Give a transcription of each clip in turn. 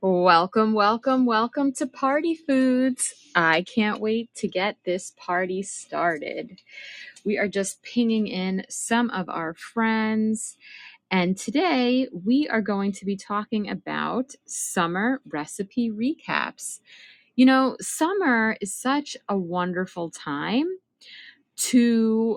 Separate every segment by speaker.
Speaker 1: Welcome, welcome, welcome to Party Foods. I can't wait to get this party started. We are just pinging in some of our friends, and today we are going to be talking about summer recipe recaps. You know, summer is such a wonderful time. to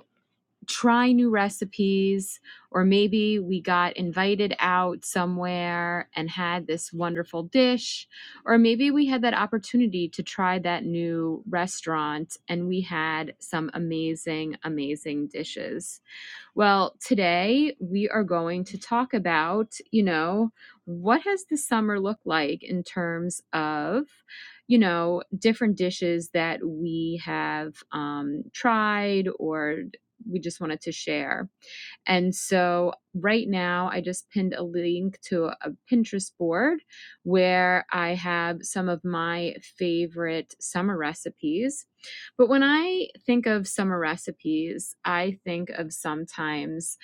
Speaker 1: try new recipes or maybe we got invited out somewhere and had this wonderful dish or maybe we had that opportunity to try that new restaurant and we had some amazing amazing dishes well, today we are going to talk about, you know, what has the summer looked like in terms of, you know, different dishes that we have um, tried or we just wanted to share. And so right now, I just pinned a link to a Pinterest board where I have some of my favorite summer recipes. But when I think of summer recipes, I think of sometimes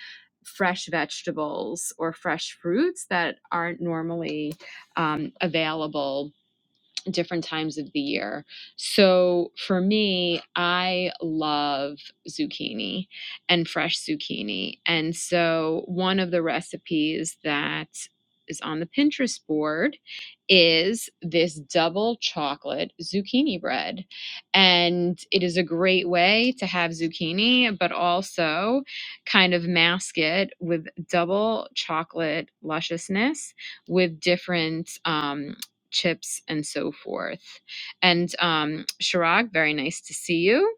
Speaker 1: fresh vegetables or fresh fruits that aren't normally um, available different times of the year. So for me, I love zucchini and fresh zucchini. And so one of the recipes that is on the Pinterest board is this double chocolate zucchini bread. And it is a great way to have zucchini, but also kind of mask it with double chocolate lusciousness with different um, chips and so forth. And um, Shirag, very nice to see you.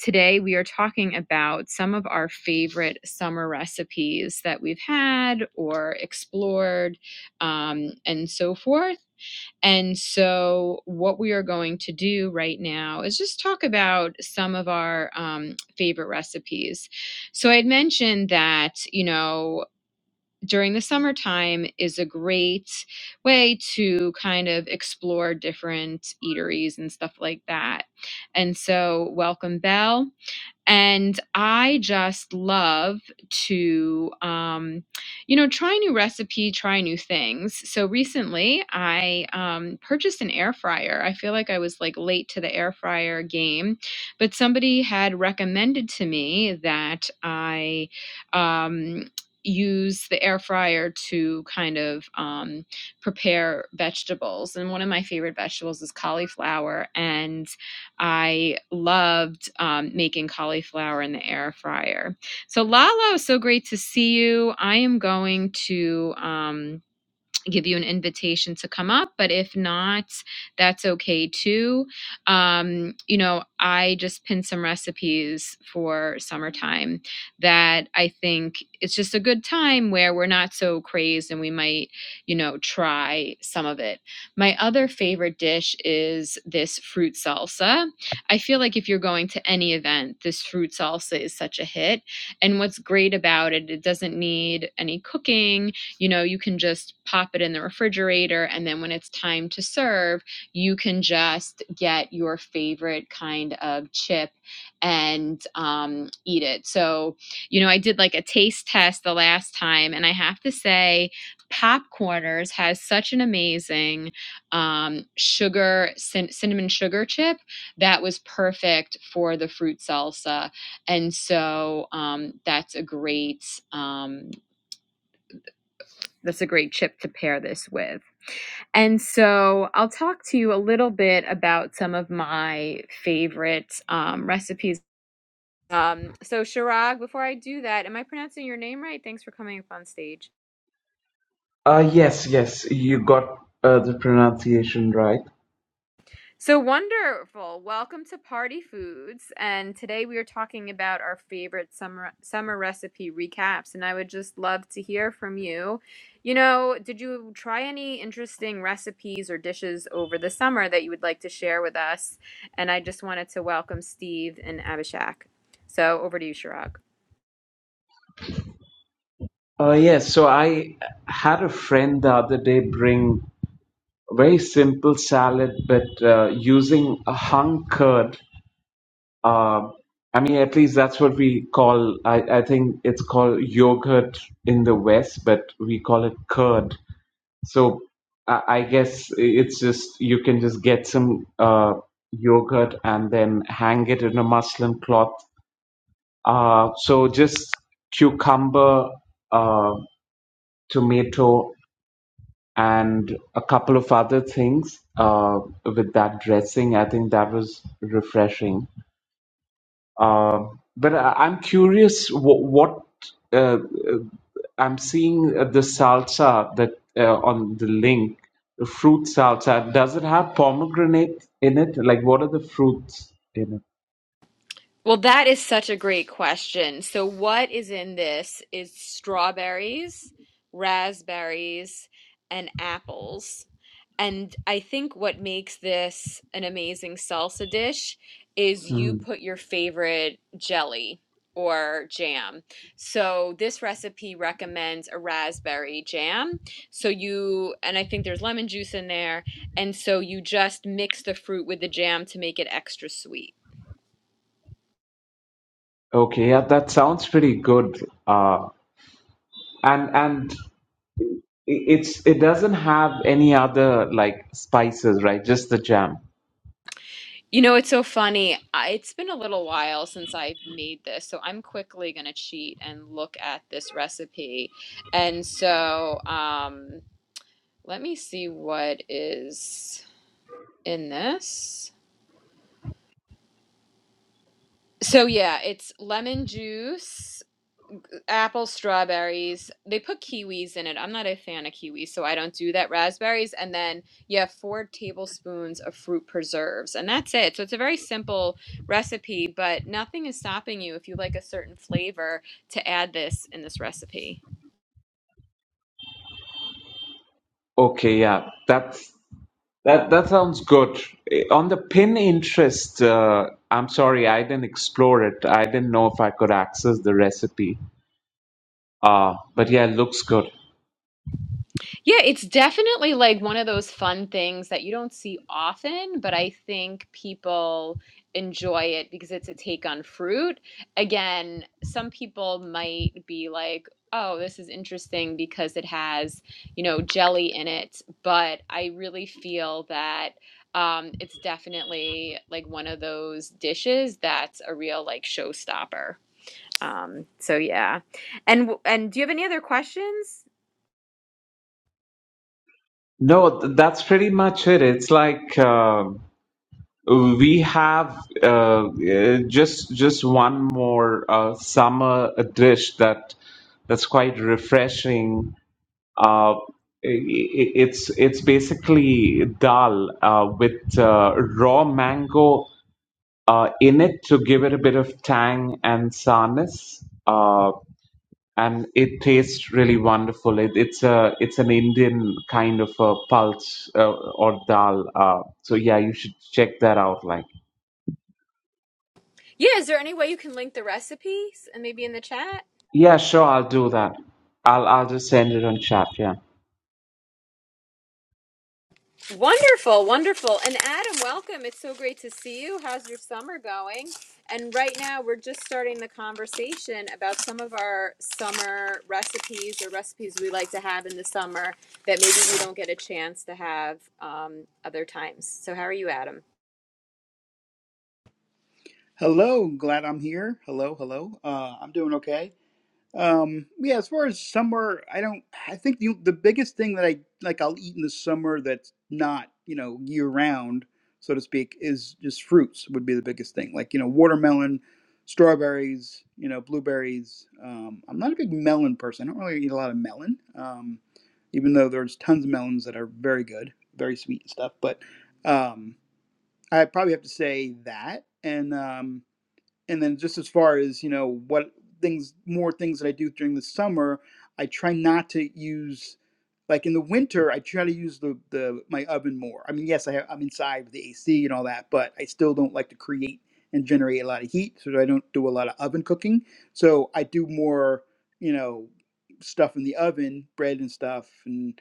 Speaker 1: Today we are talking about some of our favorite summer recipes that we've had or explored um, and so forth. And so, what we are going to do right now is just talk about some of our um, favorite recipes. So, I had mentioned that, you know, during the summertime is a great way to kind of explore different eateries and stuff like that. And so, Welcome Bell and I just love to, um, you know, try a new recipe, try new things. So recently, I um, purchased an air fryer. I feel like I was like late to the air fryer game, but somebody had recommended to me that I um, use the air fryer to kind of um, prepare vegetables. And one of my favorite vegetables is cauliflower. And I loved um, making cauliflower in the air fryer. So, Lalo, so great to see you. I am going to. Um, give you an invitation to come up. But if not, that's okay too. Um, you know, I just pinned some recipes for summertime that I think it's just a good time where we're not so crazed and we might, you know, try some of it. My other favorite dish is this fruit salsa. I feel like if you're going to any event, this fruit salsa is such a hit. And what's great about it, it doesn't need any cooking you know you can just pop it in the refrigerator and then when it's time to serve you can just get your favorite kind of chip and um, eat it so you know i did like a taste test the last time and i have to say popcorners has such an amazing um, sugar cin- cinnamon sugar chip that was perfect for the fruit salsa and so um, that's a great um, that's a great chip to pair this with. And so I'll talk to you a little bit about some of my favorite um, recipes. Um, so, Shirag, before I do that, am I pronouncing your name right? Thanks for coming up on stage.
Speaker 2: Uh, yes, yes, you got uh, the pronunciation right.
Speaker 1: So wonderful. Welcome to Party Foods. And today we are talking about our favorite summer summer recipe recaps and I would just love to hear from you. You know, did you try any interesting recipes or dishes over the summer that you would like to share with us? And I just wanted to welcome Steve and Abhishek. So over to you, Chirag.
Speaker 2: Uh, yes, so I had a friend the other day bring a very simple salad, but uh, using a hung curd. Uh, I mean, at least that's what we call, I, I think it's called yogurt in the West, but we call it curd. So I, I guess it's just, you can just get some uh, yogurt and then hang it in a muslin cloth Uh, so just cucumber, uh, tomato, and a couple of other things uh, with that dressing. I think that was refreshing. Uh, but I- I'm curious what, what uh, uh, I'm seeing uh, the salsa that uh, on the link, the fruit salsa. Does it have pomegranate in it? Like, what are the fruits in it?
Speaker 1: Well, that is such a great question. So, what is in this is strawberries, raspberries, and apples. And I think what makes this an amazing salsa dish is you
Speaker 2: Mm.
Speaker 1: put your favorite jelly or jam. So, this recipe recommends a raspberry jam. So, you, and I think there's lemon juice in there. And so, you just mix the fruit with the jam to make it extra sweet.
Speaker 2: Okay, yeah, that sounds pretty good. Uh, and and I- It's it doesn't have any other like spices, right? Just the jam.
Speaker 1: You know, it's so funny. I, it's been a little while since I made this, so I'm quickly going to cheat and look at this recipe. And so, um, let me see what is in this. So, yeah, it's lemon juice. apples, strawberries. They put kiwis in it. I'm not a fan of kiwis, so I don't do that. Raspberries, and then you have four tablespoons of fruit preserves, and that's it. So it's a very simple recipe, but nothing is stopping you if you like a certain flavor to add this in this recipe.
Speaker 2: Okay, yeah, that's that that sounds good. Eh, On the pin interest, uh, I'm sorry, I didn't explore it. I didn't know if I could access the recipe. Uh, but yeah, it looks good.
Speaker 1: Yeah, it's definitely like one of those fun things that you don't see often, but I think people enjoy it because it's a take on fruit. Again, some people might be like, oh, this is interesting because it has, you know, jelly in it, but I really feel that um, it's definitely like one of those dishes that's a real like showstopper. Um, so yeah. And w- and do you have any other questions?
Speaker 2: No, th- that's pretty much it. It's like uh, We have uh, uh, just just one more uh, summer dish that that's quite refreshing. Uh, i i- it's it's basically dal uh, with uh, raw mango uh, in it to give it a bit of tang and sourness, uh, and it tastes really wonderful. It, it's a it's an Indian kind of a pulse uh, or dal. Uh, so yeah, you should check that out, like.
Speaker 1: Yeah, is there any way you can link the recipes and maybe in the chat?
Speaker 2: Yeah, sure, I'll do that. I'll I'll just send it on chat, yeah.
Speaker 1: Wonderful, wonderful. And Adam, welcome. It's so great to see you. How's your summer going? And right now, we're just starting the conversation about some of our summer recipes or recipes we like to have in the summer that maybe we don't get a chance to have um, other times. So, how are you, Adam?
Speaker 3: Hello, glad I'm here. Hello, hello. Uh, I'm doing okay. Um, yeah, as far as summer, I don't. I think the the biggest thing that I like I'll eat in the summer that's not you know year round, so to speak, is just fruits would be the biggest thing. Like you know watermelon, strawberries, you know blueberries. Um, I'm not a big melon person. I don't really eat a lot of melon. Um, even though there's tons of melons that are very good, very sweet and stuff, but um, I probably have to say that and. Um, and then just as far as you know what things more things that i do during the summer i try not to use like in the winter i try to use the, the my oven more i mean yes I have, i'm inside with the ac and all that but i still don't like to create and generate a lot of heat so i don't do a lot of oven cooking so i do more you know stuff in the oven bread and stuff and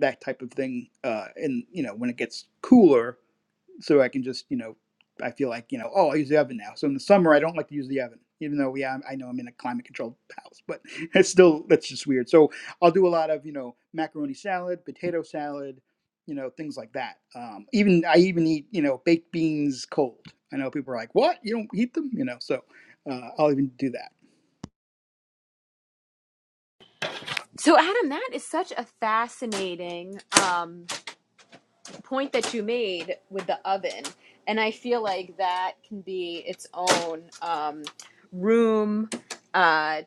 Speaker 3: that type of thing uh and you know when it gets cooler so I can just, you know, I feel like, you know, oh, I use the oven now. So in the summer, I don't like to use the oven, even though, yeah, I know I'm in a climate controlled house, but it's still, that's just weird. So I'll do a lot of, you know, macaroni salad, potato salad, you know, things like that. Um, even, I even eat, you know, baked beans cold. I know people are like, what? You don't eat them? You know, so uh, I'll even do that.
Speaker 1: So, Adam, that is such a fascinating. Um, point that you made with the oven and i feel like that can be its own um, room uh,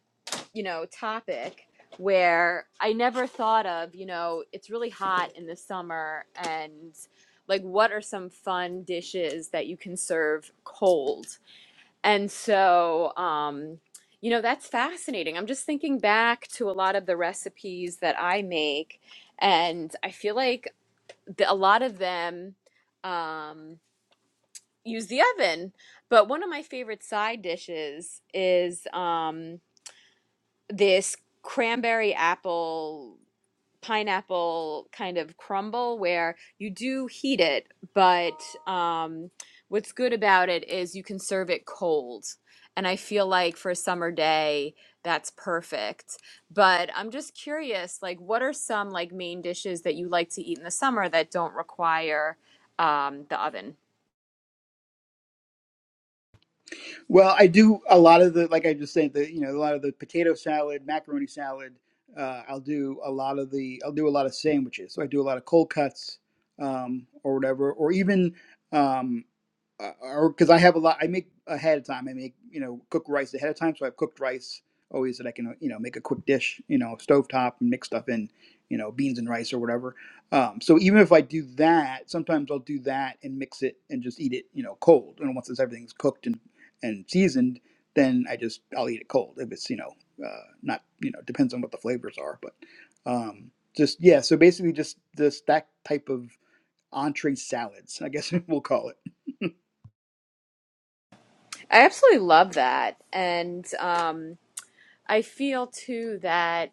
Speaker 1: you know topic where i never thought of you know it's really hot in the summer and like what are some fun dishes that you can serve cold and so um, you know that's fascinating i'm just thinking back to a lot of the recipes that i make and i feel like the, a lot of them um, use the oven. But one of my favorite side dishes is um, this cranberry apple pineapple kind of crumble where you do heat it, but um, what's good about it is you can serve it cold. And I feel like for a summer day, that's perfect. But I'm just curious, like, what are some like main dishes that you like to eat in the summer that don't require um, the oven?
Speaker 3: Well, I do a lot of the, like I just said, the you know a lot of the potato salad, macaroni salad. Uh, I'll do a lot of the, I'll do a lot of sandwiches. So I do a lot of cold cuts um, or whatever, or even. Um, uh, or because I have a lot, I make ahead of time. I make you know cook rice ahead of time, so I have cooked rice always that I can you know make a quick dish, you know, stovetop and mix stuff in, you know, beans and rice or whatever. Um, so even if I do that, sometimes I'll do that and mix it and just eat it, you know, cold. And once it's, everything's cooked and and seasoned, then I just I'll eat it cold if it's you know uh, not you know depends on what the flavors are, but um, just yeah. So basically, just this that type of entree salads, I guess we'll call it.
Speaker 1: I absolutely love that, and um, I feel too that.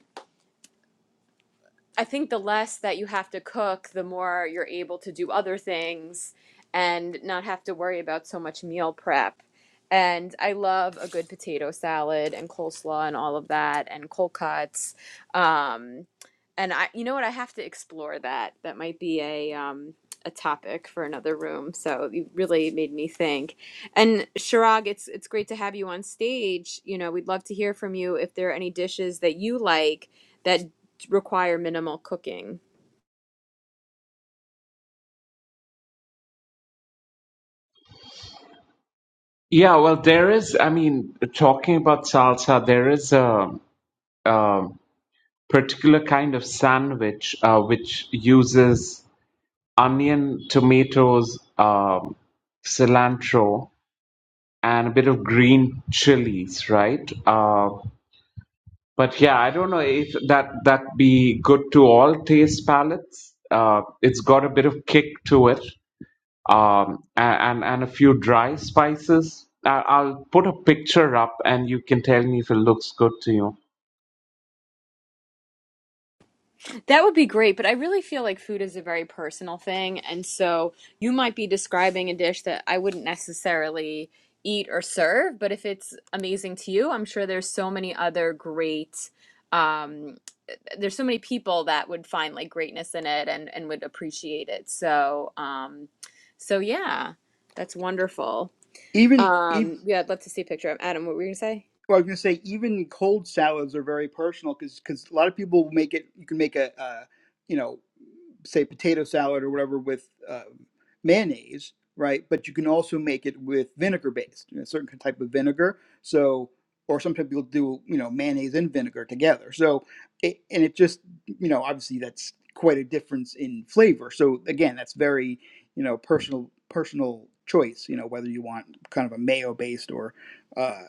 Speaker 1: I think the less that you have to cook, the more you're able to do other things and not have to worry about so much meal prep. And I love a good potato salad and coleslaw and all of that and cold cuts. Um, and I, you know what? I have to explore that. That might be a um, a topic for another room. So you really made me think. And Shirag, it's it's great to have you on stage. You know, we'd love to hear from you if there are any dishes that you like that require minimal cooking.
Speaker 2: Yeah, well, there is, I mean, talking about salsa, there is a, a particular kind of sandwich uh, which uses onion, tomatoes, um, cilantro, and a bit of green chilies, right? Uh, but yeah, I don't know if that that be good to all taste palates. Uh, it's got a bit of kick to it, um, a- and and a few dry spices. I- I'll put a picture up, and you can tell me if it looks good to you.
Speaker 1: That would be great, but I really feel like food is a very personal thing. And so you might be describing a dish that I wouldn't necessarily eat or serve, but if it's amazing to you, I'm sure there's so many other great, um, there's so many people that would find like greatness in it and, and would appreciate it. So, um, so yeah, that's wonderful.
Speaker 3: Even e-
Speaker 1: Um, yeah, I'd love to see a picture of Adam. What were you gonna say?
Speaker 3: Well, I was gonna say even cold salads are very personal because a lot of people make it. You can make a uh, you know say potato salad or whatever with uh, mayonnaise, right? But you can also make it with vinegar based, you know, a certain type of vinegar. So, or sometimes people do, you know, mayonnaise and vinegar together. So, it, and it just, you know, obviously that's quite a difference in flavor. So again, that's very, you know, personal personal choice. You know, whether you want kind of a mayo based or uh,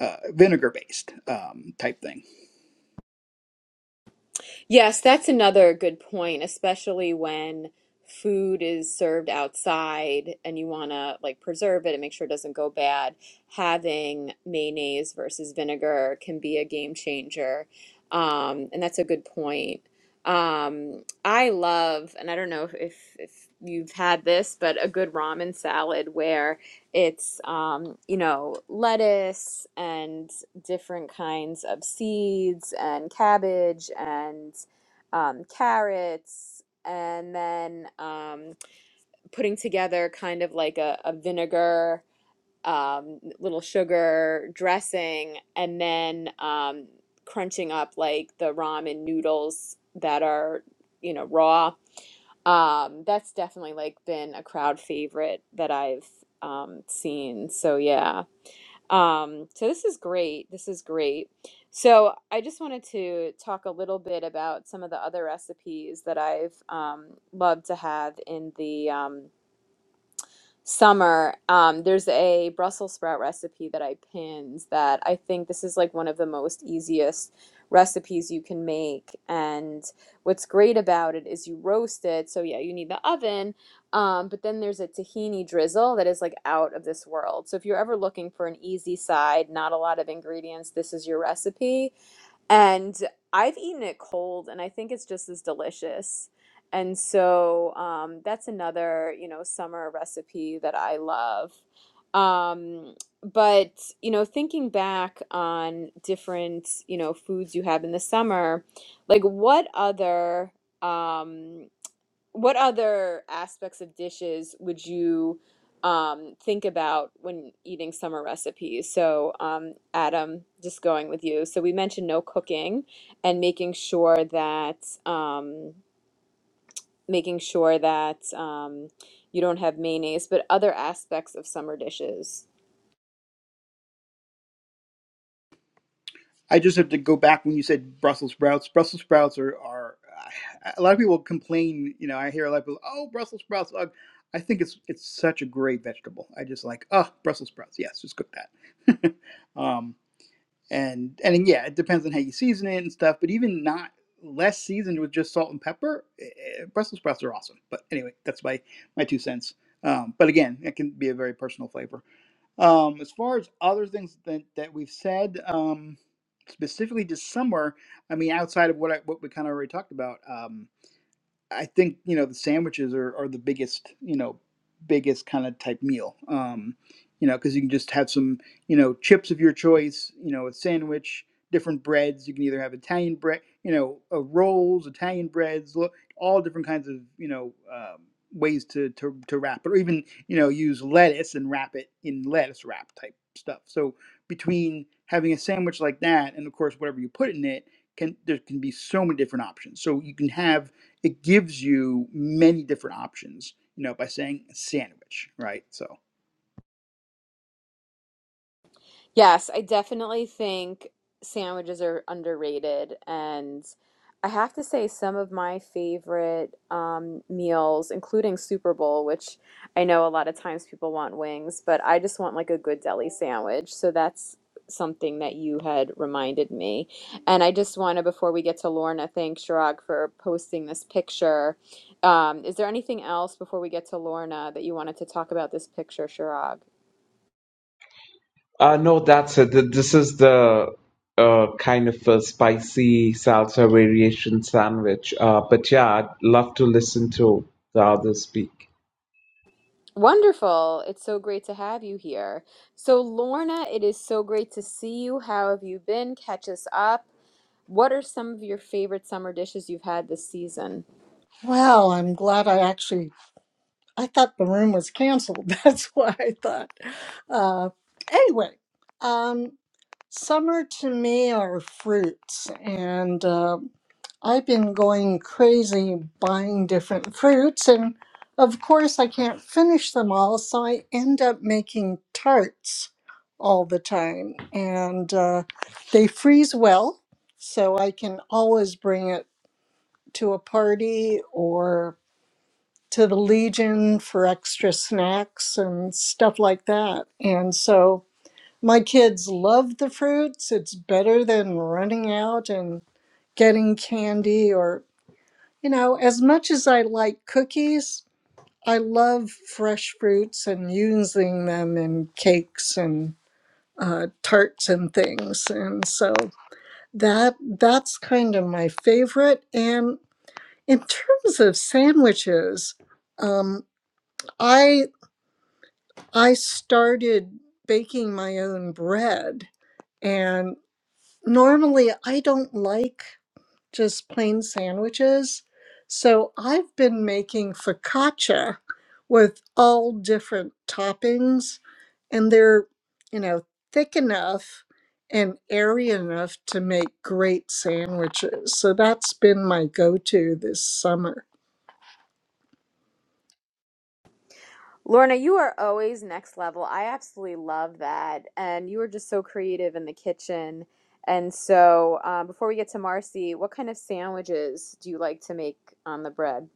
Speaker 3: uh, vinegar based um, type thing.
Speaker 1: Yes, that's another good point, especially when food is served outside and you want to like preserve it and make sure it doesn't go bad. Having mayonnaise versus vinegar can be a game changer. Um, and that's a good point. Um, I love, and I don't know if, if, if you've had this, but a good ramen salad where it's, um, you know, lettuce and different kinds of seeds and cabbage and um, carrots, and then um, putting together kind of like a, a vinegar, um, little sugar dressing, and then um, crunching up like the ramen noodles that are, you know, raw. Um, that's definitely like been a crowd favorite that I've um, seen. So yeah, um, so this is great. This is great. So I just wanted to talk a little bit about some of the other recipes that I've um, loved to have in the um, summer, um, there's a Brussels sprout recipe that I pinned that I think this is like one of the most easiest recipes you can make. And what's great about it is you roast it. So, yeah, you need the oven. Um, but then there's a tahini drizzle that is like out of this world. So, if you're ever looking for an easy side, not a lot of ingredients, this is your recipe. And I've eaten it cold, and I think it's just as delicious. And so um, that's another, you know, summer recipe that I love. Um, but, you know, thinking back on different, you know, foods you have in the summer, like what other, um, what other aspects of dishes would you um, think about when eating summer recipes? So, um, Adam, just going with you. So we mentioned no cooking and making sure that um, making sure that um, you don't have mayonnaise, but other aspects of summer dishes.
Speaker 3: I just have to go back when you said Brussels sprouts. Brussels sprouts are, are a lot of people complain. You know, I hear a lot of people, oh, Brussels sprouts. Uh, I think it's it's such a great vegetable. I just like, oh, Brussels sprouts. Yes, just cook that. um, and and yeah, it depends on how you season it and stuff. But even not less seasoned with just salt and pepper, eh, eh, Brussels sprouts are awesome. But anyway, that's my my two cents. Um, but again, it can be a very personal flavor. Um, as far as other things that, that we've said, um, specifically this summer, I mean, outside of what I, what we kind of already talked about, um, I think you know the sandwiches are, are the biggest you know biggest kind of type meal. Um, you know because you can just have some you know chips of your choice. You know a sandwich, different breads. You can either have Italian bread, you know uh, rolls, Italian breads, lo- all different kinds of you know um, ways to, to to wrap it, or even you know use lettuce and wrap it in lettuce wrap type stuff. So between having a sandwich like that and of course whatever you put in it can there can be so many different options. So you can have it gives you many different options, you know, by saying sandwich, right? So.
Speaker 1: Yes, I definitely think sandwiches are underrated. And I have to say, some of my favorite um, meals, including Super Bowl, which I know a lot of times people want wings, but I just want like a good deli sandwich. So that's something that you had reminded me. And I just want to, before we get to Lorna, thank Chirag for posting this picture. Um, is there anything else before we get to Lorna that you wanted to talk about this picture, Chirag?
Speaker 2: Uh, no, that's it. Th- This is the uh, kind of a spicy salsa variation sandwich. Uh, but yeah, I'd love to listen to the others speak.
Speaker 1: Wonderful. It's so great to have you here. So, Lorna, it is so great to see you. How have you been? Catch us up. What are some of your favorite summer dishes you've had this season?
Speaker 4: Well, I'm glad I actually I thought the room was canceled. That's why I thought. Uh, anyway, um, summer to me are fruits, and uh, I've been going crazy buying different fruits, and of course I can't finish them all, so I end up making tarts all the time, and uh, they freeze well, so I can always bring it to a party or to the Legion for extra snacks and stuff like that. And so my kids love the fruits. It's better than running out and getting candy or, you know, as much as I like cookies, I love fresh fruits and using them in cakes and uh, tarts and things. And so that that's kind of my favorite. And in terms of sandwiches, um, I I started baking my own bread. And normally I don't like just plain sandwiches. So I've been making focaccia with all different toppings, and they're, you know, thick enough and airy enough to make great sandwiches. So that's been my go to this summer.
Speaker 1: Lorna, you are always next level. I absolutely love that. And you are just so creative in the kitchen. And so, um, before we get to Marcy, what kind of sandwiches do you like to make on the bread?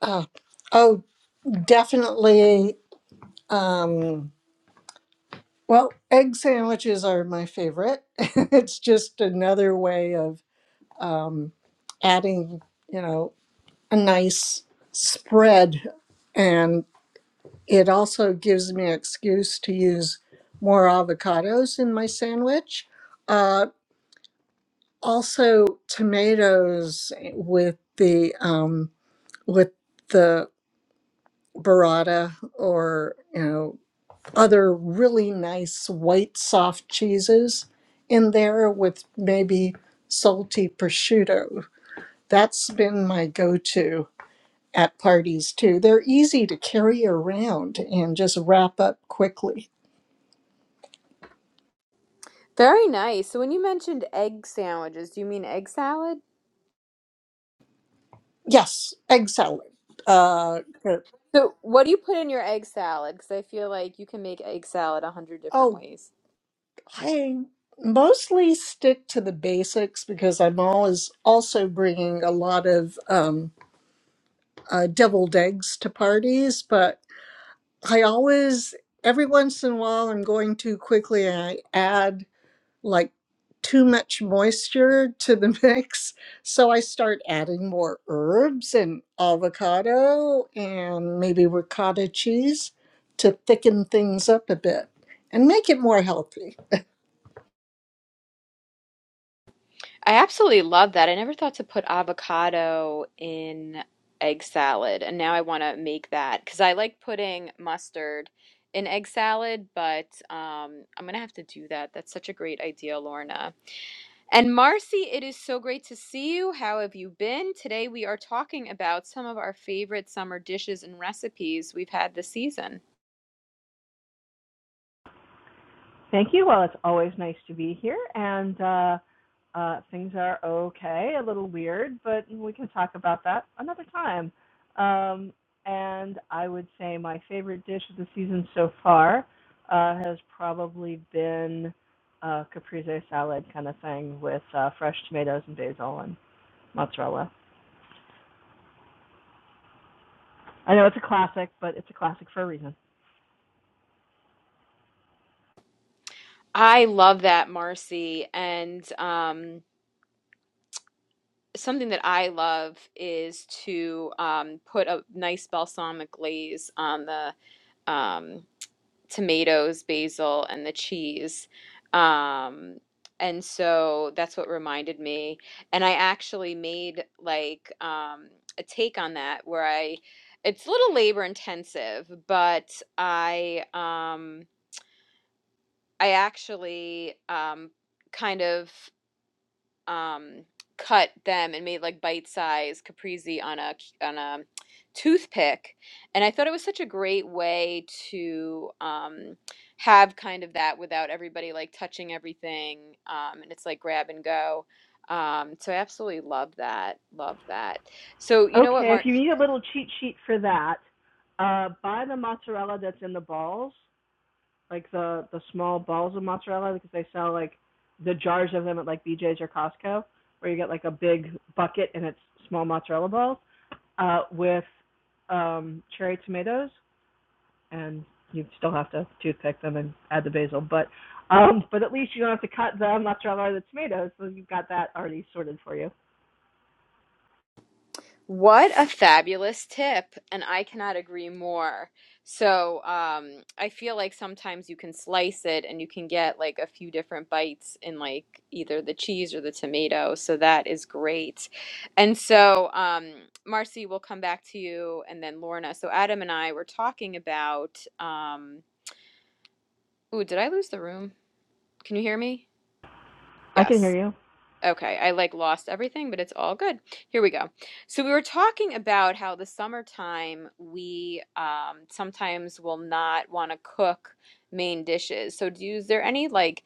Speaker 4: Uh, oh, definitely. Um, Well, egg sandwiches are my favorite. it's just another way of um, adding, you know, a nice spread. And it also gives me an excuse to use more avocados in my sandwich. Uh, also, tomatoes with the um, with the burrata or you know other really nice white soft cheeses in there with maybe salty prosciutto. That's been my go to at parties too. They're easy to carry around and just wrap up quickly.
Speaker 1: Very nice. So, when you mentioned egg sandwiches, do you mean egg salad?
Speaker 4: Yes, egg salad. Uh, good.
Speaker 1: So, what do you put in your egg salad? Because I feel like you can make egg salad a hundred different
Speaker 4: oh,
Speaker 1: ways.
Speaker 4: I mostly stick to the basics because I'm always also bringing a lot of um, uh, deviled eggs to parties, but I always, every once in a while, I'm going too quickly and I add like too much moisture to the mix. So I start adding more herbs and avocado and maybe ricotta cheese to thicken things up a bit and make it more healthy.
Speaker 1: I absolutely love that. I never thought to put avocado in egg salad, and now I want to make that because I like putting mustard in egg salad, but um, I'm gonna have to do that. That's such a great idea, Lorna. And Marcy, it is so great to see you. How have you been? Today we are talking about some of our favorite summer dishes and recipes we've had this season.
Speaker 5: Thank you. Well, it's always nice to be here, and uh, uh, things are okay, a little weird, but we can talk about that another time. Um, and I would say my favorite dish of the season so far uh, has probably been uh, caprese salad kind of thing with uh, fresh tomatoes and basil and mozzarella. I know it's a classic, but it's a classic for a reason.
Speaker 1: I love that, Marcy. And um, something that I love is to um, put a nice balsamic glaze on the um, tomatoes, basil, and the cheese. Um, and so that's what reminded me. And I actually made like um, a take on that where I, it's a little labor intensive, but I, um, I actually um, kind of. um, cut them and made like bite-sized caprese on a on a toothpick. And I thought it was such a great way to um, have kind of that without everybody like touching everything. Um, and it's like grab and go. Um, so I absolutely love that. Love that. So you know what,
Speaker 5: Okay, if
Speaker 1: Martin?
Speaker 5: you need a little cheat sheet for that, uh, buy the mozzarella that's in the balls like the the small balls of mozzarella because they sell like the jars of them at like BJ's or Costco where you get like a big bucket and it's small mozzarella balls uh, with um, cherry tomatoes and you still have to toothpick them and add the basil but um, but at least you don't have to cut the mozzarella or the tomatoes so you've got that already sorted for you.
Speaker 1: What a fabulous tip, and I cannot agree more. So, um, I feel like sometimes you can slice it and you can get like a few different bites in like either the cheese or the tomato. So that is great. And so, um, Marcy, we'll come back to you and then Lorna. So Adam and I were talking about, um, ooh, did I lose the room? Can you hear me?
Speaker 5: I can
Speaker 1: Yes.
Speaker 5: hear you.
Speaker 1: Okay, I like lost everything, but it's all good. Here we go. So we were talking about how the summertime we um, sometimes will not want to cook main dishes. So do you, is there any like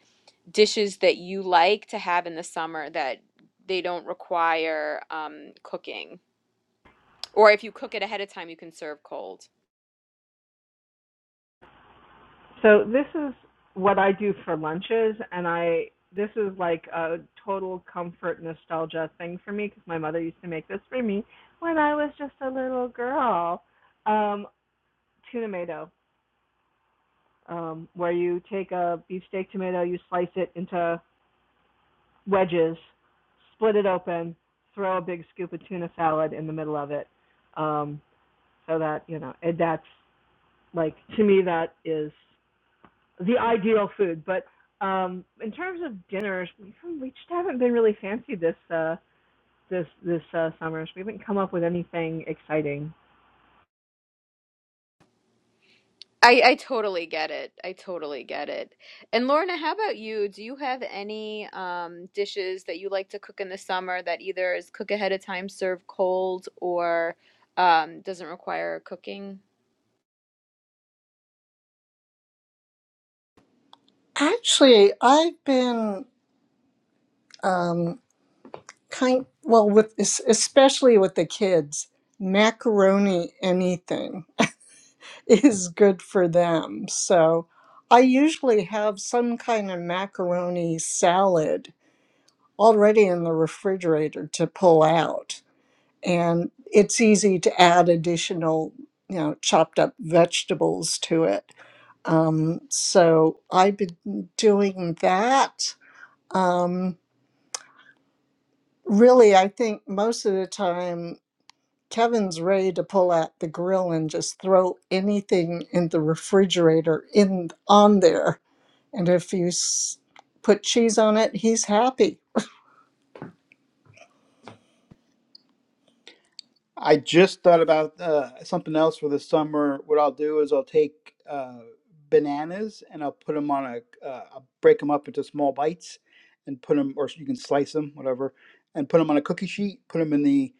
Speaker 1: dishes that you like to have in the summer that they don't require um, cooking? Or if you cook it ahead of time, you can serve cold.
Speaker 5: So this is what I do for lunches, and I this is like a total comfort nostalgia thing for me because my mother used to make this for me when I was just a little girl. Um, tuna tomato, um, where you take a beefsteak tomato, you slice it into wedges, split it open, throw a big scoop of tuna salad in the middle of it, um, so that you know it, that's like to me that is the ideal food. But um, in terms of dinners, we just haven't been really fancy this uh, this this uh, summer. So we haven't come up with anything exciting.
Speaker 1: I I totally get it. I totally get it. And Lorna, how about you? Do you have any um dishes that you like to cook in the summer that either is cook ahead of time, serve cold, or um doesn't require cooking?
Speaker 4: Actually, I've been um, kind, well, with es- especially with the kids, macaroni anything. is good for them. So I usually have some kind of macaroni salad already in the refrigerator to pull out. And it's easy to add additional, you know, chopped up vegetables to it. Um, so I've been doing that. Um, really, I think most of the time, Kevin's ready to pull out the grill and just throw anything in the refrigerator in on there And if you s- put cheese on it, he's happy.
Speaker 3: I just thought about uh, something else for the summer. What I'll do is I'll take uh, bananas and I'll put them on a, uh, I'll break them up into small bites and put them, or you can slice them, whatever, and put them on a cookie sheet, put them in the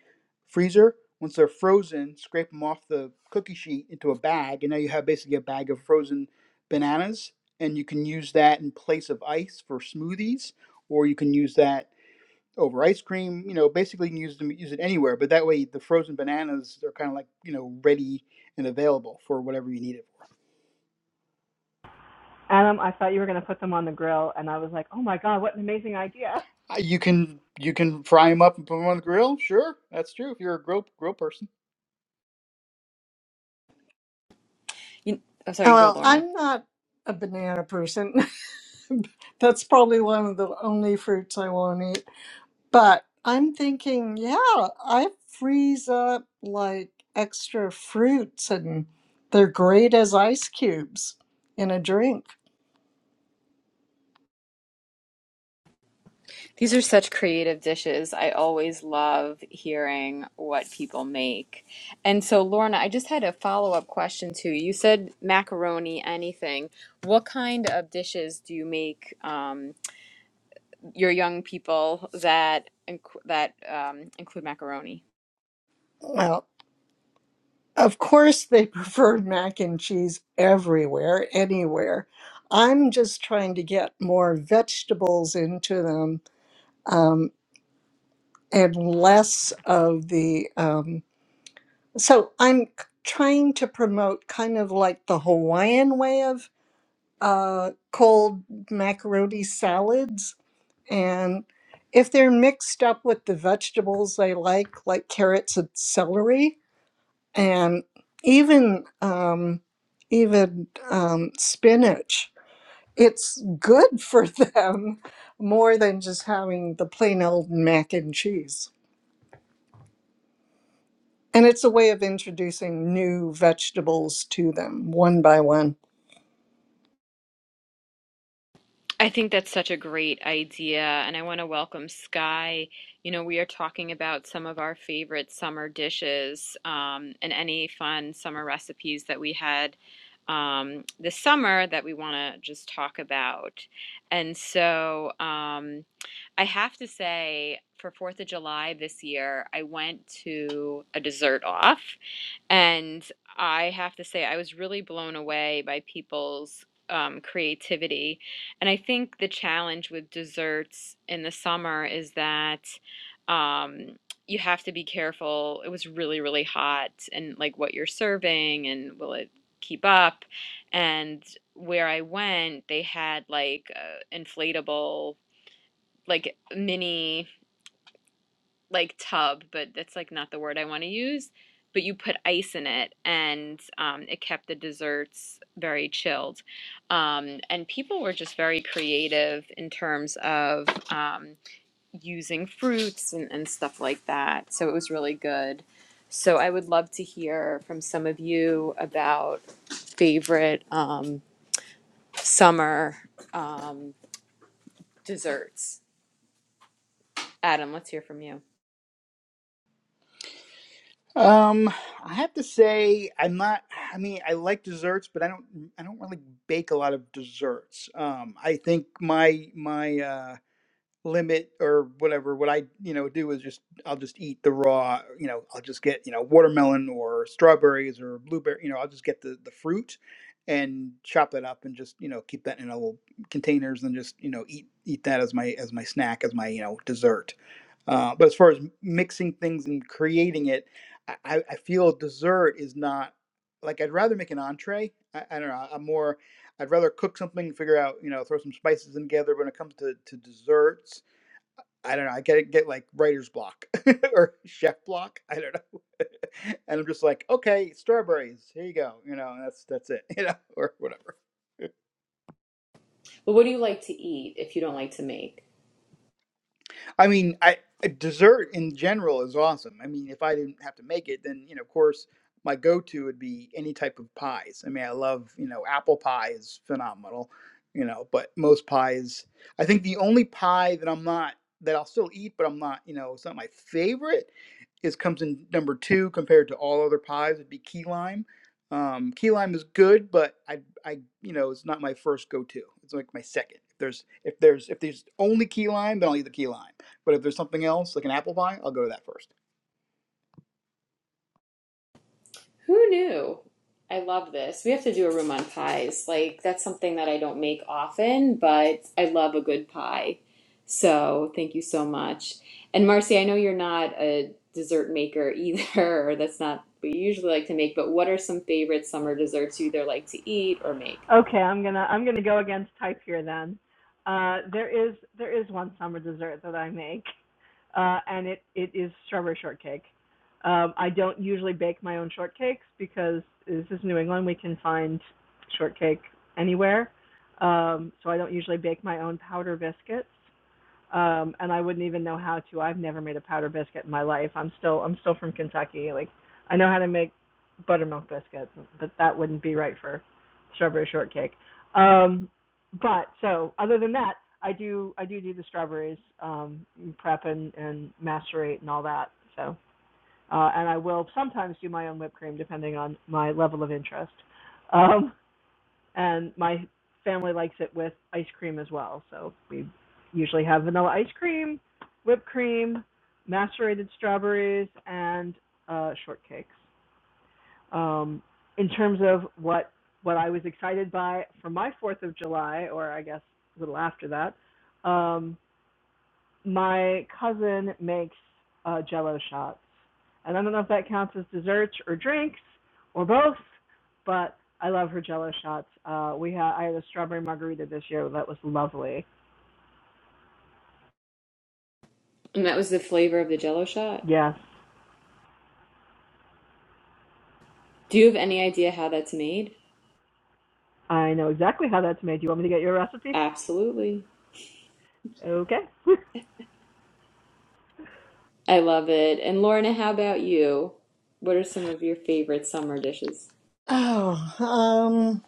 Speaker 3: freezer. Once they're frozen, scrape them off the cookie sheet into a bag, and now you have basically a bag of frozen bananas, and you can use that in place of ice for smoothies, or you can use that over ice cream. You know, basically you can use them use it anywhere. But that way, the frozen bananas are kind of like you know ready and available for whatever you need it
Speaker 5: Adam, I thought you were going to put them on the grill, and I was like, oh my god, what an amazing idea.
Speaker 3: for. Uh, You can you can fry them up and put them on the grill. Sure, that's true. If you're a grill grill person.
Speaker 1: You, oh, sorry,
Speaker 4: Oh,
Speaker 1: you go,
Speaker 4: Well,
Speaker 1: Lorna.
Speaker 4: I'm not a banana person. That's probably one of the only fruits I won't eat. But I'm thinking, yeah, I freeze up like extra fruits and they're great as ice cubes in a drink.
Speaker 1: These are such creative dishes. I always love hearing what people make. And so, Lorna, I just had a follow-up question too. You You said macaroni, anything. What kind of dishes do you make? Um, your young people that that um, include macaroni.
Speaker 4: Well, of course, they prefer mac and cheese everywhere, anywhere. I'm just trying to get more vegetables into them um, and less of the um, so i'm trying to promote kind of like the hawaiian way of uh, cold macaroni salads and if they're mixed up with the vegetables they like like carrots and celery and even um, even um, spinach it's good for them more than just having the plain old mac and cheese And it's a way of introducing new vegetables to them one by one.
Speaker 1: I think that's such a great idea, and I want to welcome Sky. You know, we are talking about some of our favorite summer dishes um, and any fun summer recipes that we had um, this summer that we want to just talk about. And so um, I have to say, for Fourth of July this year, I went to a dessert off. And I have to say, I was really blown away by people's um, creativity. And I think the challenge with desserts in the summer is that um, you have to be careful. It was really, really hot, and like what you're serving, and will it keep up? And where I went, they had like uh, inflatable, like mini like tub, but that's like not the word I want to use. But you put ice in it, and um, it kept the desserts very chilled. Um, and people were just very creative in terms of um, using fruits and, and stuff like that. So it was really good. So I would love to hear from some of you about favorite um, summer um, desserts. Adam, let's hear from you.
Speaker 3: Um, I have to say I'm not. I mean, I like desserts, but I don't. I don't really bake a lot of desserts. Um, I think my my uh, limit or whatever what i you know do is just i'll just eat the raw you know i'll just get you know watermelon or strawberries or blueberry you know i'll just get the the fruit and chop that up and just you know keep that in a little containers and just you know eat eat that as my as my snack as my you know dessert uh, but as far as m- mixing things and creating it i i I feel dessert is not like i'd rather make an entree i, I don't know i'm more i'd rather cook something figure out you know throw some spices in together when it comes to to desserts I don't know. I get get like writer's block or chef block. I don't know. and I'm just like, okay, strawberries. Here you go. You know, and that's that's it. You know, or whatever.
Speaker 1: Well, what do you like to eat if you don't like to make?
Speaker 3: I mean, I a dessert in general is awesome. I mean, if I didn't have to make it, then you know, of course, my go-to would be any type of pies. I mean, I love you know, apple pie is phenomenal. You know, but most pies, I think the only pie that I'm not that I'll still eat, but I'm not, you know, it's not my favorite is comes in number two compared to all other pies would be key lime. Um, key lime is good, but I, I, you know, it's not my first go-to. It's like my second. If there's, if there's, if there's only key lime, then I'll eat the key lime. But if there's something else, like an apple pie, I'll go to that first.
Speaker 1: Who knew? I love this. We have to do a room on pies. Like, that's something that I don't make often, but I love a good pie. So, thank you so much. And, Marcy, I know you're not a dessert maker either, or that's not what you usually like to make, but what are some favorite summer desserts you either like to eat or make?
Speaker 5: Okay, I'm gonna I'm gonna go against type here then. Uh, there is there is one summer dessert that I make. uh, and it it is strawberry shortcake. Um, I don't usually bake my own shortcakes because this is New England. We can find shortcake anywhere, um, so I don't usually bake my own powder biscuits um and i wouldn't even know how to i've never made a powder biscuit in my life i'm still i'm still from kentucky like i know how to make buttermilk biscuits but that wouldn't be right for strawberry shortcake um but so other than that i do i do do the strawberries um prep and and macerate and all that so uh and i will sometimes do my own whipped cream depending on my level of interest um and my family likes it with ice cream as well. So we usually have vanilla ice cream, whipped cream, macerated strawberries, and uh, shortcakes. Um, in terms of what what I was excited by for my Fourth of July, or I guess a little after that, um, my cousin makes uh, Jello shots, and I don't know if that counts as desserts or drinks or both, but I love her Jello shots. Uh, we had I had a strawberry margarita this year that was lovely.
Speaker 1: And that was the flavor of the jello shot.
Speaker 5: Yes,
Speaker 1: Do you have any idea how that's made?
Speaker 5: I know exactly how that's made. Do you want me to get you a recipe?
Speaker 1: Absolutely.
Speaker 5: Okay.
Speaker 1: I love it. And, Lorna, how about you? What are some of your favorite summer dishes?
Speaker 4: Oh, um,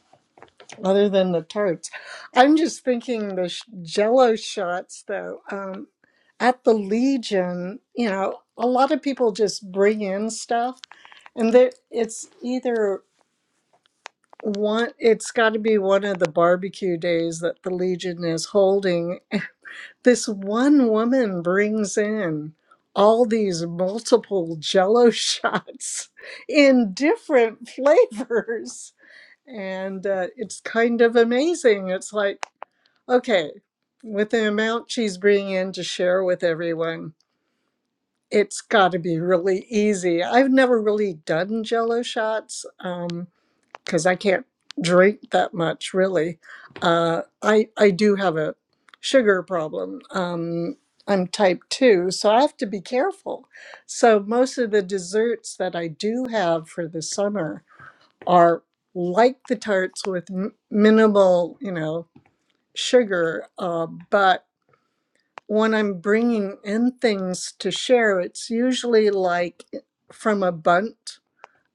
Speaker 4: other than the tarts, I'm just thinking the sh- Jello shots though. Um, at the Legion, you know, a lot of people just bring in stuff, and there it's either one. It's got to be one of the barbecue days that the Legion is holding, This one woman brings in all these multiple jello shots in different flavors. And uh, it's kind of amazing. It's like, okay, with the amount she's bringing in to share with everyone, it's got to be really easy. I've never really done jello shots. Um, because I can't drink that much really. Uh, I I do have a sugar problem. Um, I'm type two, so I have to be careful. So most of the desserts that I do have for the summer are like the tarts with m- minimal, you know, sugar. Uh, but when I'm bringing in things to share, it's usually like eh, from a bunt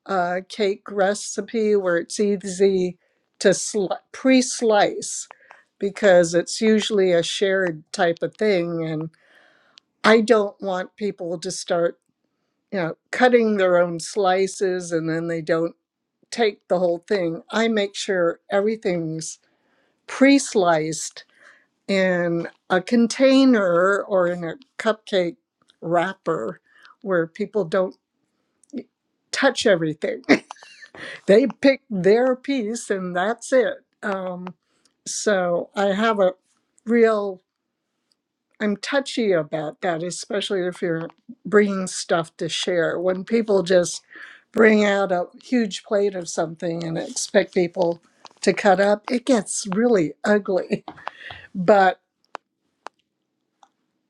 Speaker 4: uh, cake recipe where it's easy to sli- pre-slice because it's usually a shared type of thing and i don't want people to start you know cutting their own slices and then they don't take the whole thing i make sure everything's pre-sliced in a container or in a cupcake wrapper where people don't touch everything they pick their piece and that's it. Um, so I have a real, I'm touchy about that, especially if you're bringing stuff to share. When people just bring out a huge plate of something and expect people to cut up, it gets really ugly. But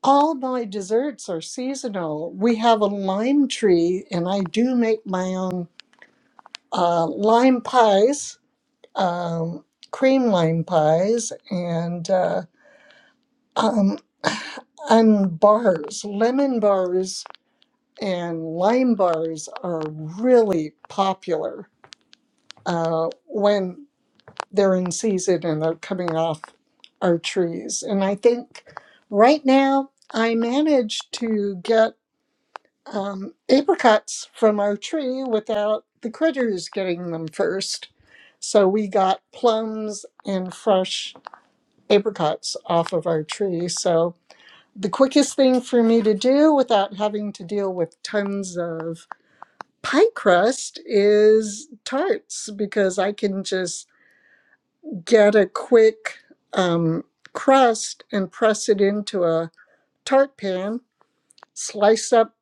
Speaker 4: all my desserts are seasonal. We have a lime tree, and I do make my own uh, lime pies um, cream lime pies and uh, um, and bars, lemon bars and lime bars are really popular uh, when they're in season and they're coming off our trees. And I think right now I managed to get um, apricots from our tree without the critters getting them first. So we got plums and fresh apricots off of our tree. So the quickest thing for me to do without having to deal with tons of pie crust is tarts because I can just get a quick um, crust and press it into a tart pan, slice up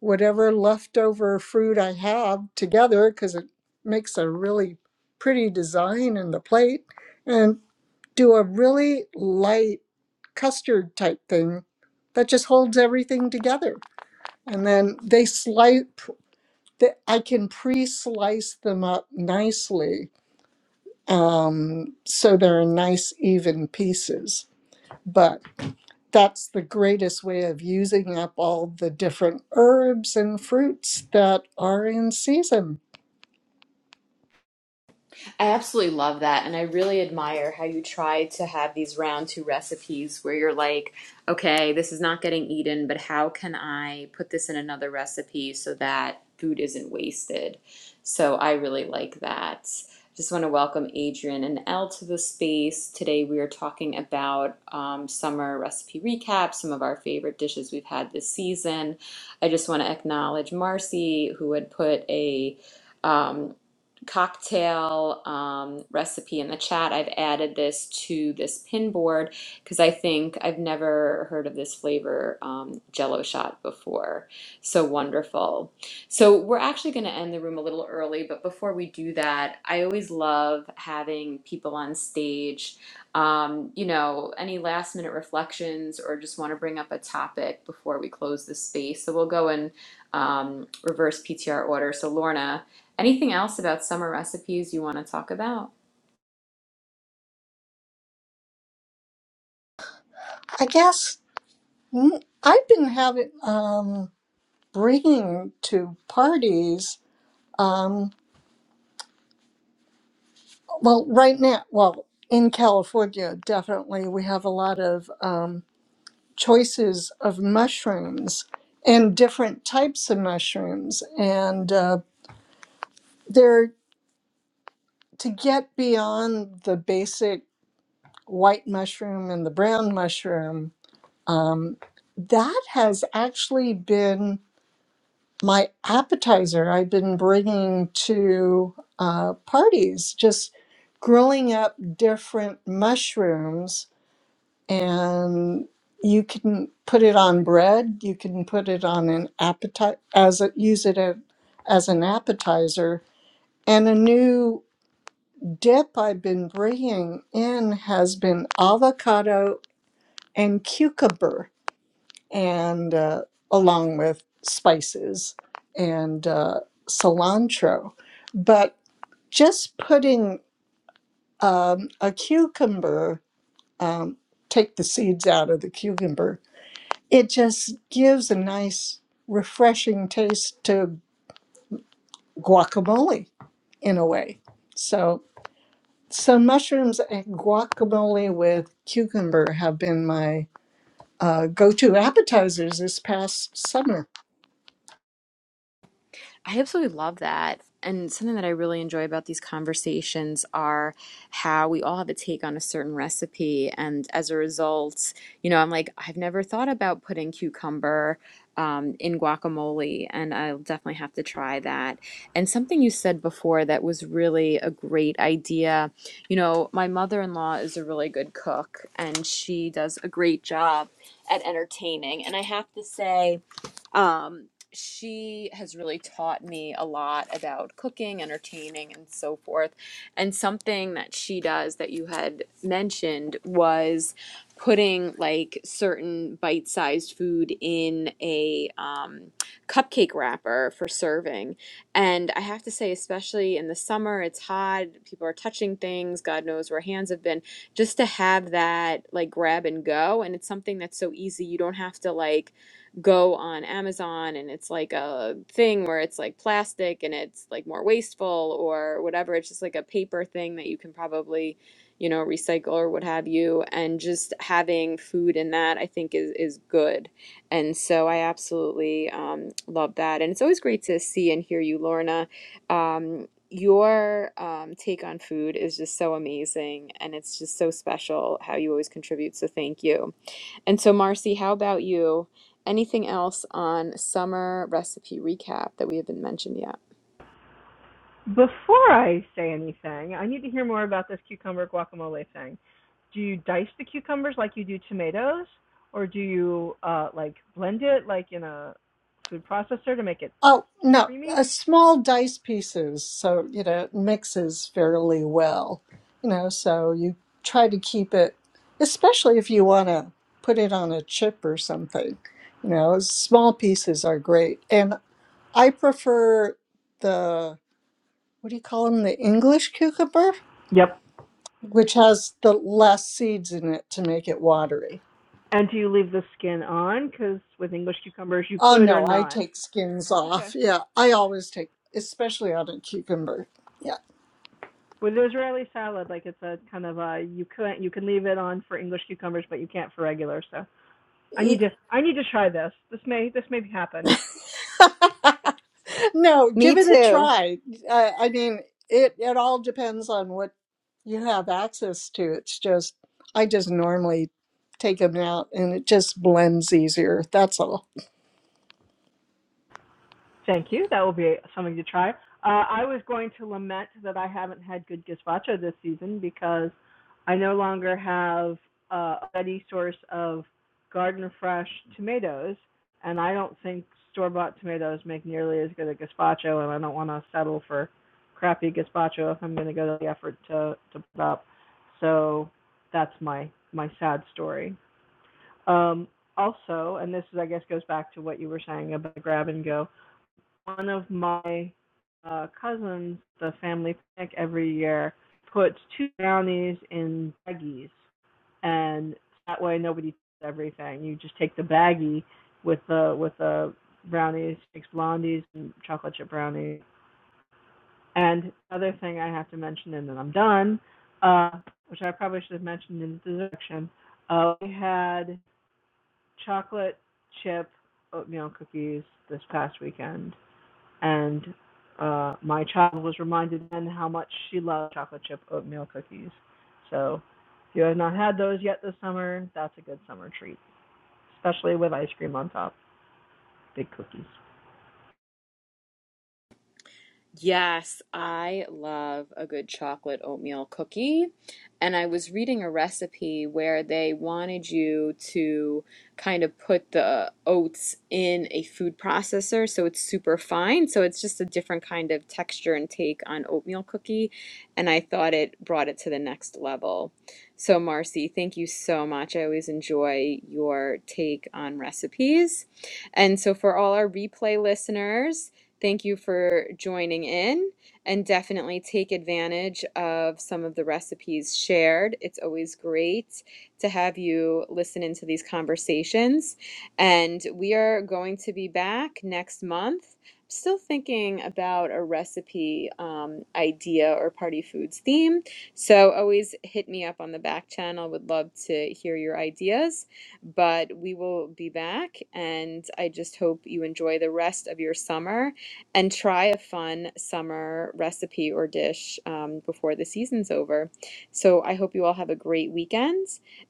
Speaker 4: whatever leftover fruit I have together because it makes a really pretty design in the plate and do a really light custard type thing that just holds everything together. And then they slice, th- I can pre slice them up nicely um, so they're nice, even pieces. But that's the greatest way of using up all the different herbs and fruits that are in season.
Speaker 1: I absolutely love that. And I really admire how you try to have these round two recipes where you're like, okay, this is not getting eaten, but how can I put this in another recipe so that food isn't wasted? So I really like that. Just want to welcome Adrian and Elle to the space. Today we are talking about um, summer recipe recap, some of our favorite dishes we've had this season. I just want to acknowledge Marcy, who had put a um, cocktail um, recipe in the chat. I've added this to this pin board because I think I've never heard of this flavor um, jello shot before. So wonderful. So we're actually going to end the room a little early, but before we do that, I always love having people on stage. Um, you know, any last minute reflections or just want to bring up a topic before we close the space. So we'll go in um, reverse PTR order. So Lorna, Anything else about summer recipes you want to talk about?
Speaker 4: I guess mm, I've been having um, bringing to parties. Um, Well, right now, well, in California, definitely we have a lot of um, choices of mushrooms and different types of mushrooms. And uh, they're to get beyond the basic white mushroom and the brown mushroom. Um, that has actually been my appetizer. I've been bringing to uh, parties, just growing up different mushrooms and you can put it on bread. You can put it on an appetite as a, use it a, as an appetizer. And a new dip I've been bringing in has been avocado and cucumber, and uh, along with spices and uh, cilantro. But just putting um, a cucumber, um, take the seeds out of the cucumber, It just gives a nice, refreshing taste to guacamole in a way. So, so mushrooms and guacamole with cucumber have been my uh, go-to appetizers this past summer.
Speaker 1: I absolutely love that. And something that I really enjoy about these conversations are how we all have a take on a certain recipe. And as a result, you know, I'm like, I've never thought about putting cucumber um, in guacamole, and I'll definitely have to try that. And something you said before that was really a great idea. You know, my mother in law is a really good cook, and she does a great job at entertaining. And I have to say, um, she has really taught me a lot about cooking, entertaining, and so forth. And something that she does that you had mentioned was putting like certain bite-sized food in a um, cupcake wrapper for serving. And I have to say, especially in the summer, it's hot, people are touching things, God knows where hands have been, just to have that like grab and go. And it's something that's so easy. You don't have to like go on Amazon and it's like a thing where it's like plastic and it's like more wasteful or whatever. It's just like a paper thing that you can probably, you know, recycle or what have you. And just having food in that, I think, is, is good. And so I absolutely um, love that. And it's always great to see and hear you, Lorna. Um, your um, take on food is just so amazing and it's just so special how you always contribute. So thank you. And so, Marcy, how about you? Anything else on summer recipe recap that we haven't mentioned yet?
Speaker 5: Before I say anything, I need to hear more about this cucumber guacamole thing. Do you dice the cucumbers like you do tomatoes, or do you uh, like blend it like in a food processor to make it
Speaker 4: Oh no,
Speaker 5: creamy?
Speaker 4: uh, small dice pieces, so you know it mixes fairly well. You know, so you try to keep it, especially if you want to put it on a chip or something. You know, small pieces are great, and I prefer the what do you call them? The English cucumber,
Speaker 5: Yep.
Speaker 4: which has the less seeds in it to make it watery.
Speaker 5: And do you leave the skin on? Because with English cucumbers, you
Speaker 4: Oh
Speaker 5: could or
Speaker 4: no, I
Speaker 5: not.
Speaker 4: take skins
Speaker 5: Okay.
Speaker 4: off. Yeah, I always take, especially on a cucumber. Yeah.
Speaker 5: With Israeli salad, like it's a kind of a you can you can leave it on for English cucumbers, but you can't for regular. So I
Speaker 4: E-
Speaker 5: need to I need to try this. This may this may happen.
Speaker 4: no,
Speaker 1: Me
Speaker 4: give it a
Speaker 1: too.
Speaker 4: try. I, I mean, it it all depends on what you have access to. It's just I just normally take them out, and it just blends easier. That's all.
Speaker 5: Thank you. That will be something to try. Uh, I was going to lament that I haven't had good gazpacho this season because I no longer have uh, a ready source of garden fresh tomatoes, and I don't think store bought tomatoes make nearly as good a gazpacho, and I don't want to settle for crappy gazpacho if I'm going to go to the effort to to put up. So that's my my sad story. Um, also, and this is I guess goes back to what you were saying about grab and go one of my uh, cousins, the family picnic every year, puts two brownies in baggies, and that way nobody takes everything. You just take the baggie with the with the brownies, six blondies, and chocolate chip brownies. And other thing I have to mention, and then I'm done, uh, which I probably should have mentioned in the description. Uh, we had chocolate chip oatmeal cookies this past weekend and uh, my child was reminded then how much she loved chocolate chip oatmeal cookies. So if you have not had those yet this summer, that's a good summer treat, especially with ice cream on top, big cookies.
Speaker 1: Yes, I love a good chocolate oatmeal cookie. And I was reading a recipe where they wanted you to kind of put the oats in a food processor so it's super fine. So it's just a different kind of texture and take on oatmeal cookie. And I thought it brought it to the next level. So, Marcy, thank you so much. I always enjoy your take on recipes. And so, for all our replay listeners, Thank you for joining in and definitely take advantage of some of the recipes shared. It's always great to have you listen into these conversations. And we are going to be back next month. I'm Still thinking about a recipe um, idea or party foods theme. So always hit me up on the back channel. Would love to hear your ideas but we will be back and I just hope you enjoy the rest of your summer and try a fun summer recipe or dish um, before the season's over. So I hope you all have a great weekend,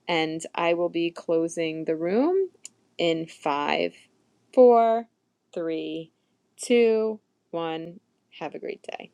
Speaker 1: and I will be closing the room in five, four, three, two, one. Have a great day.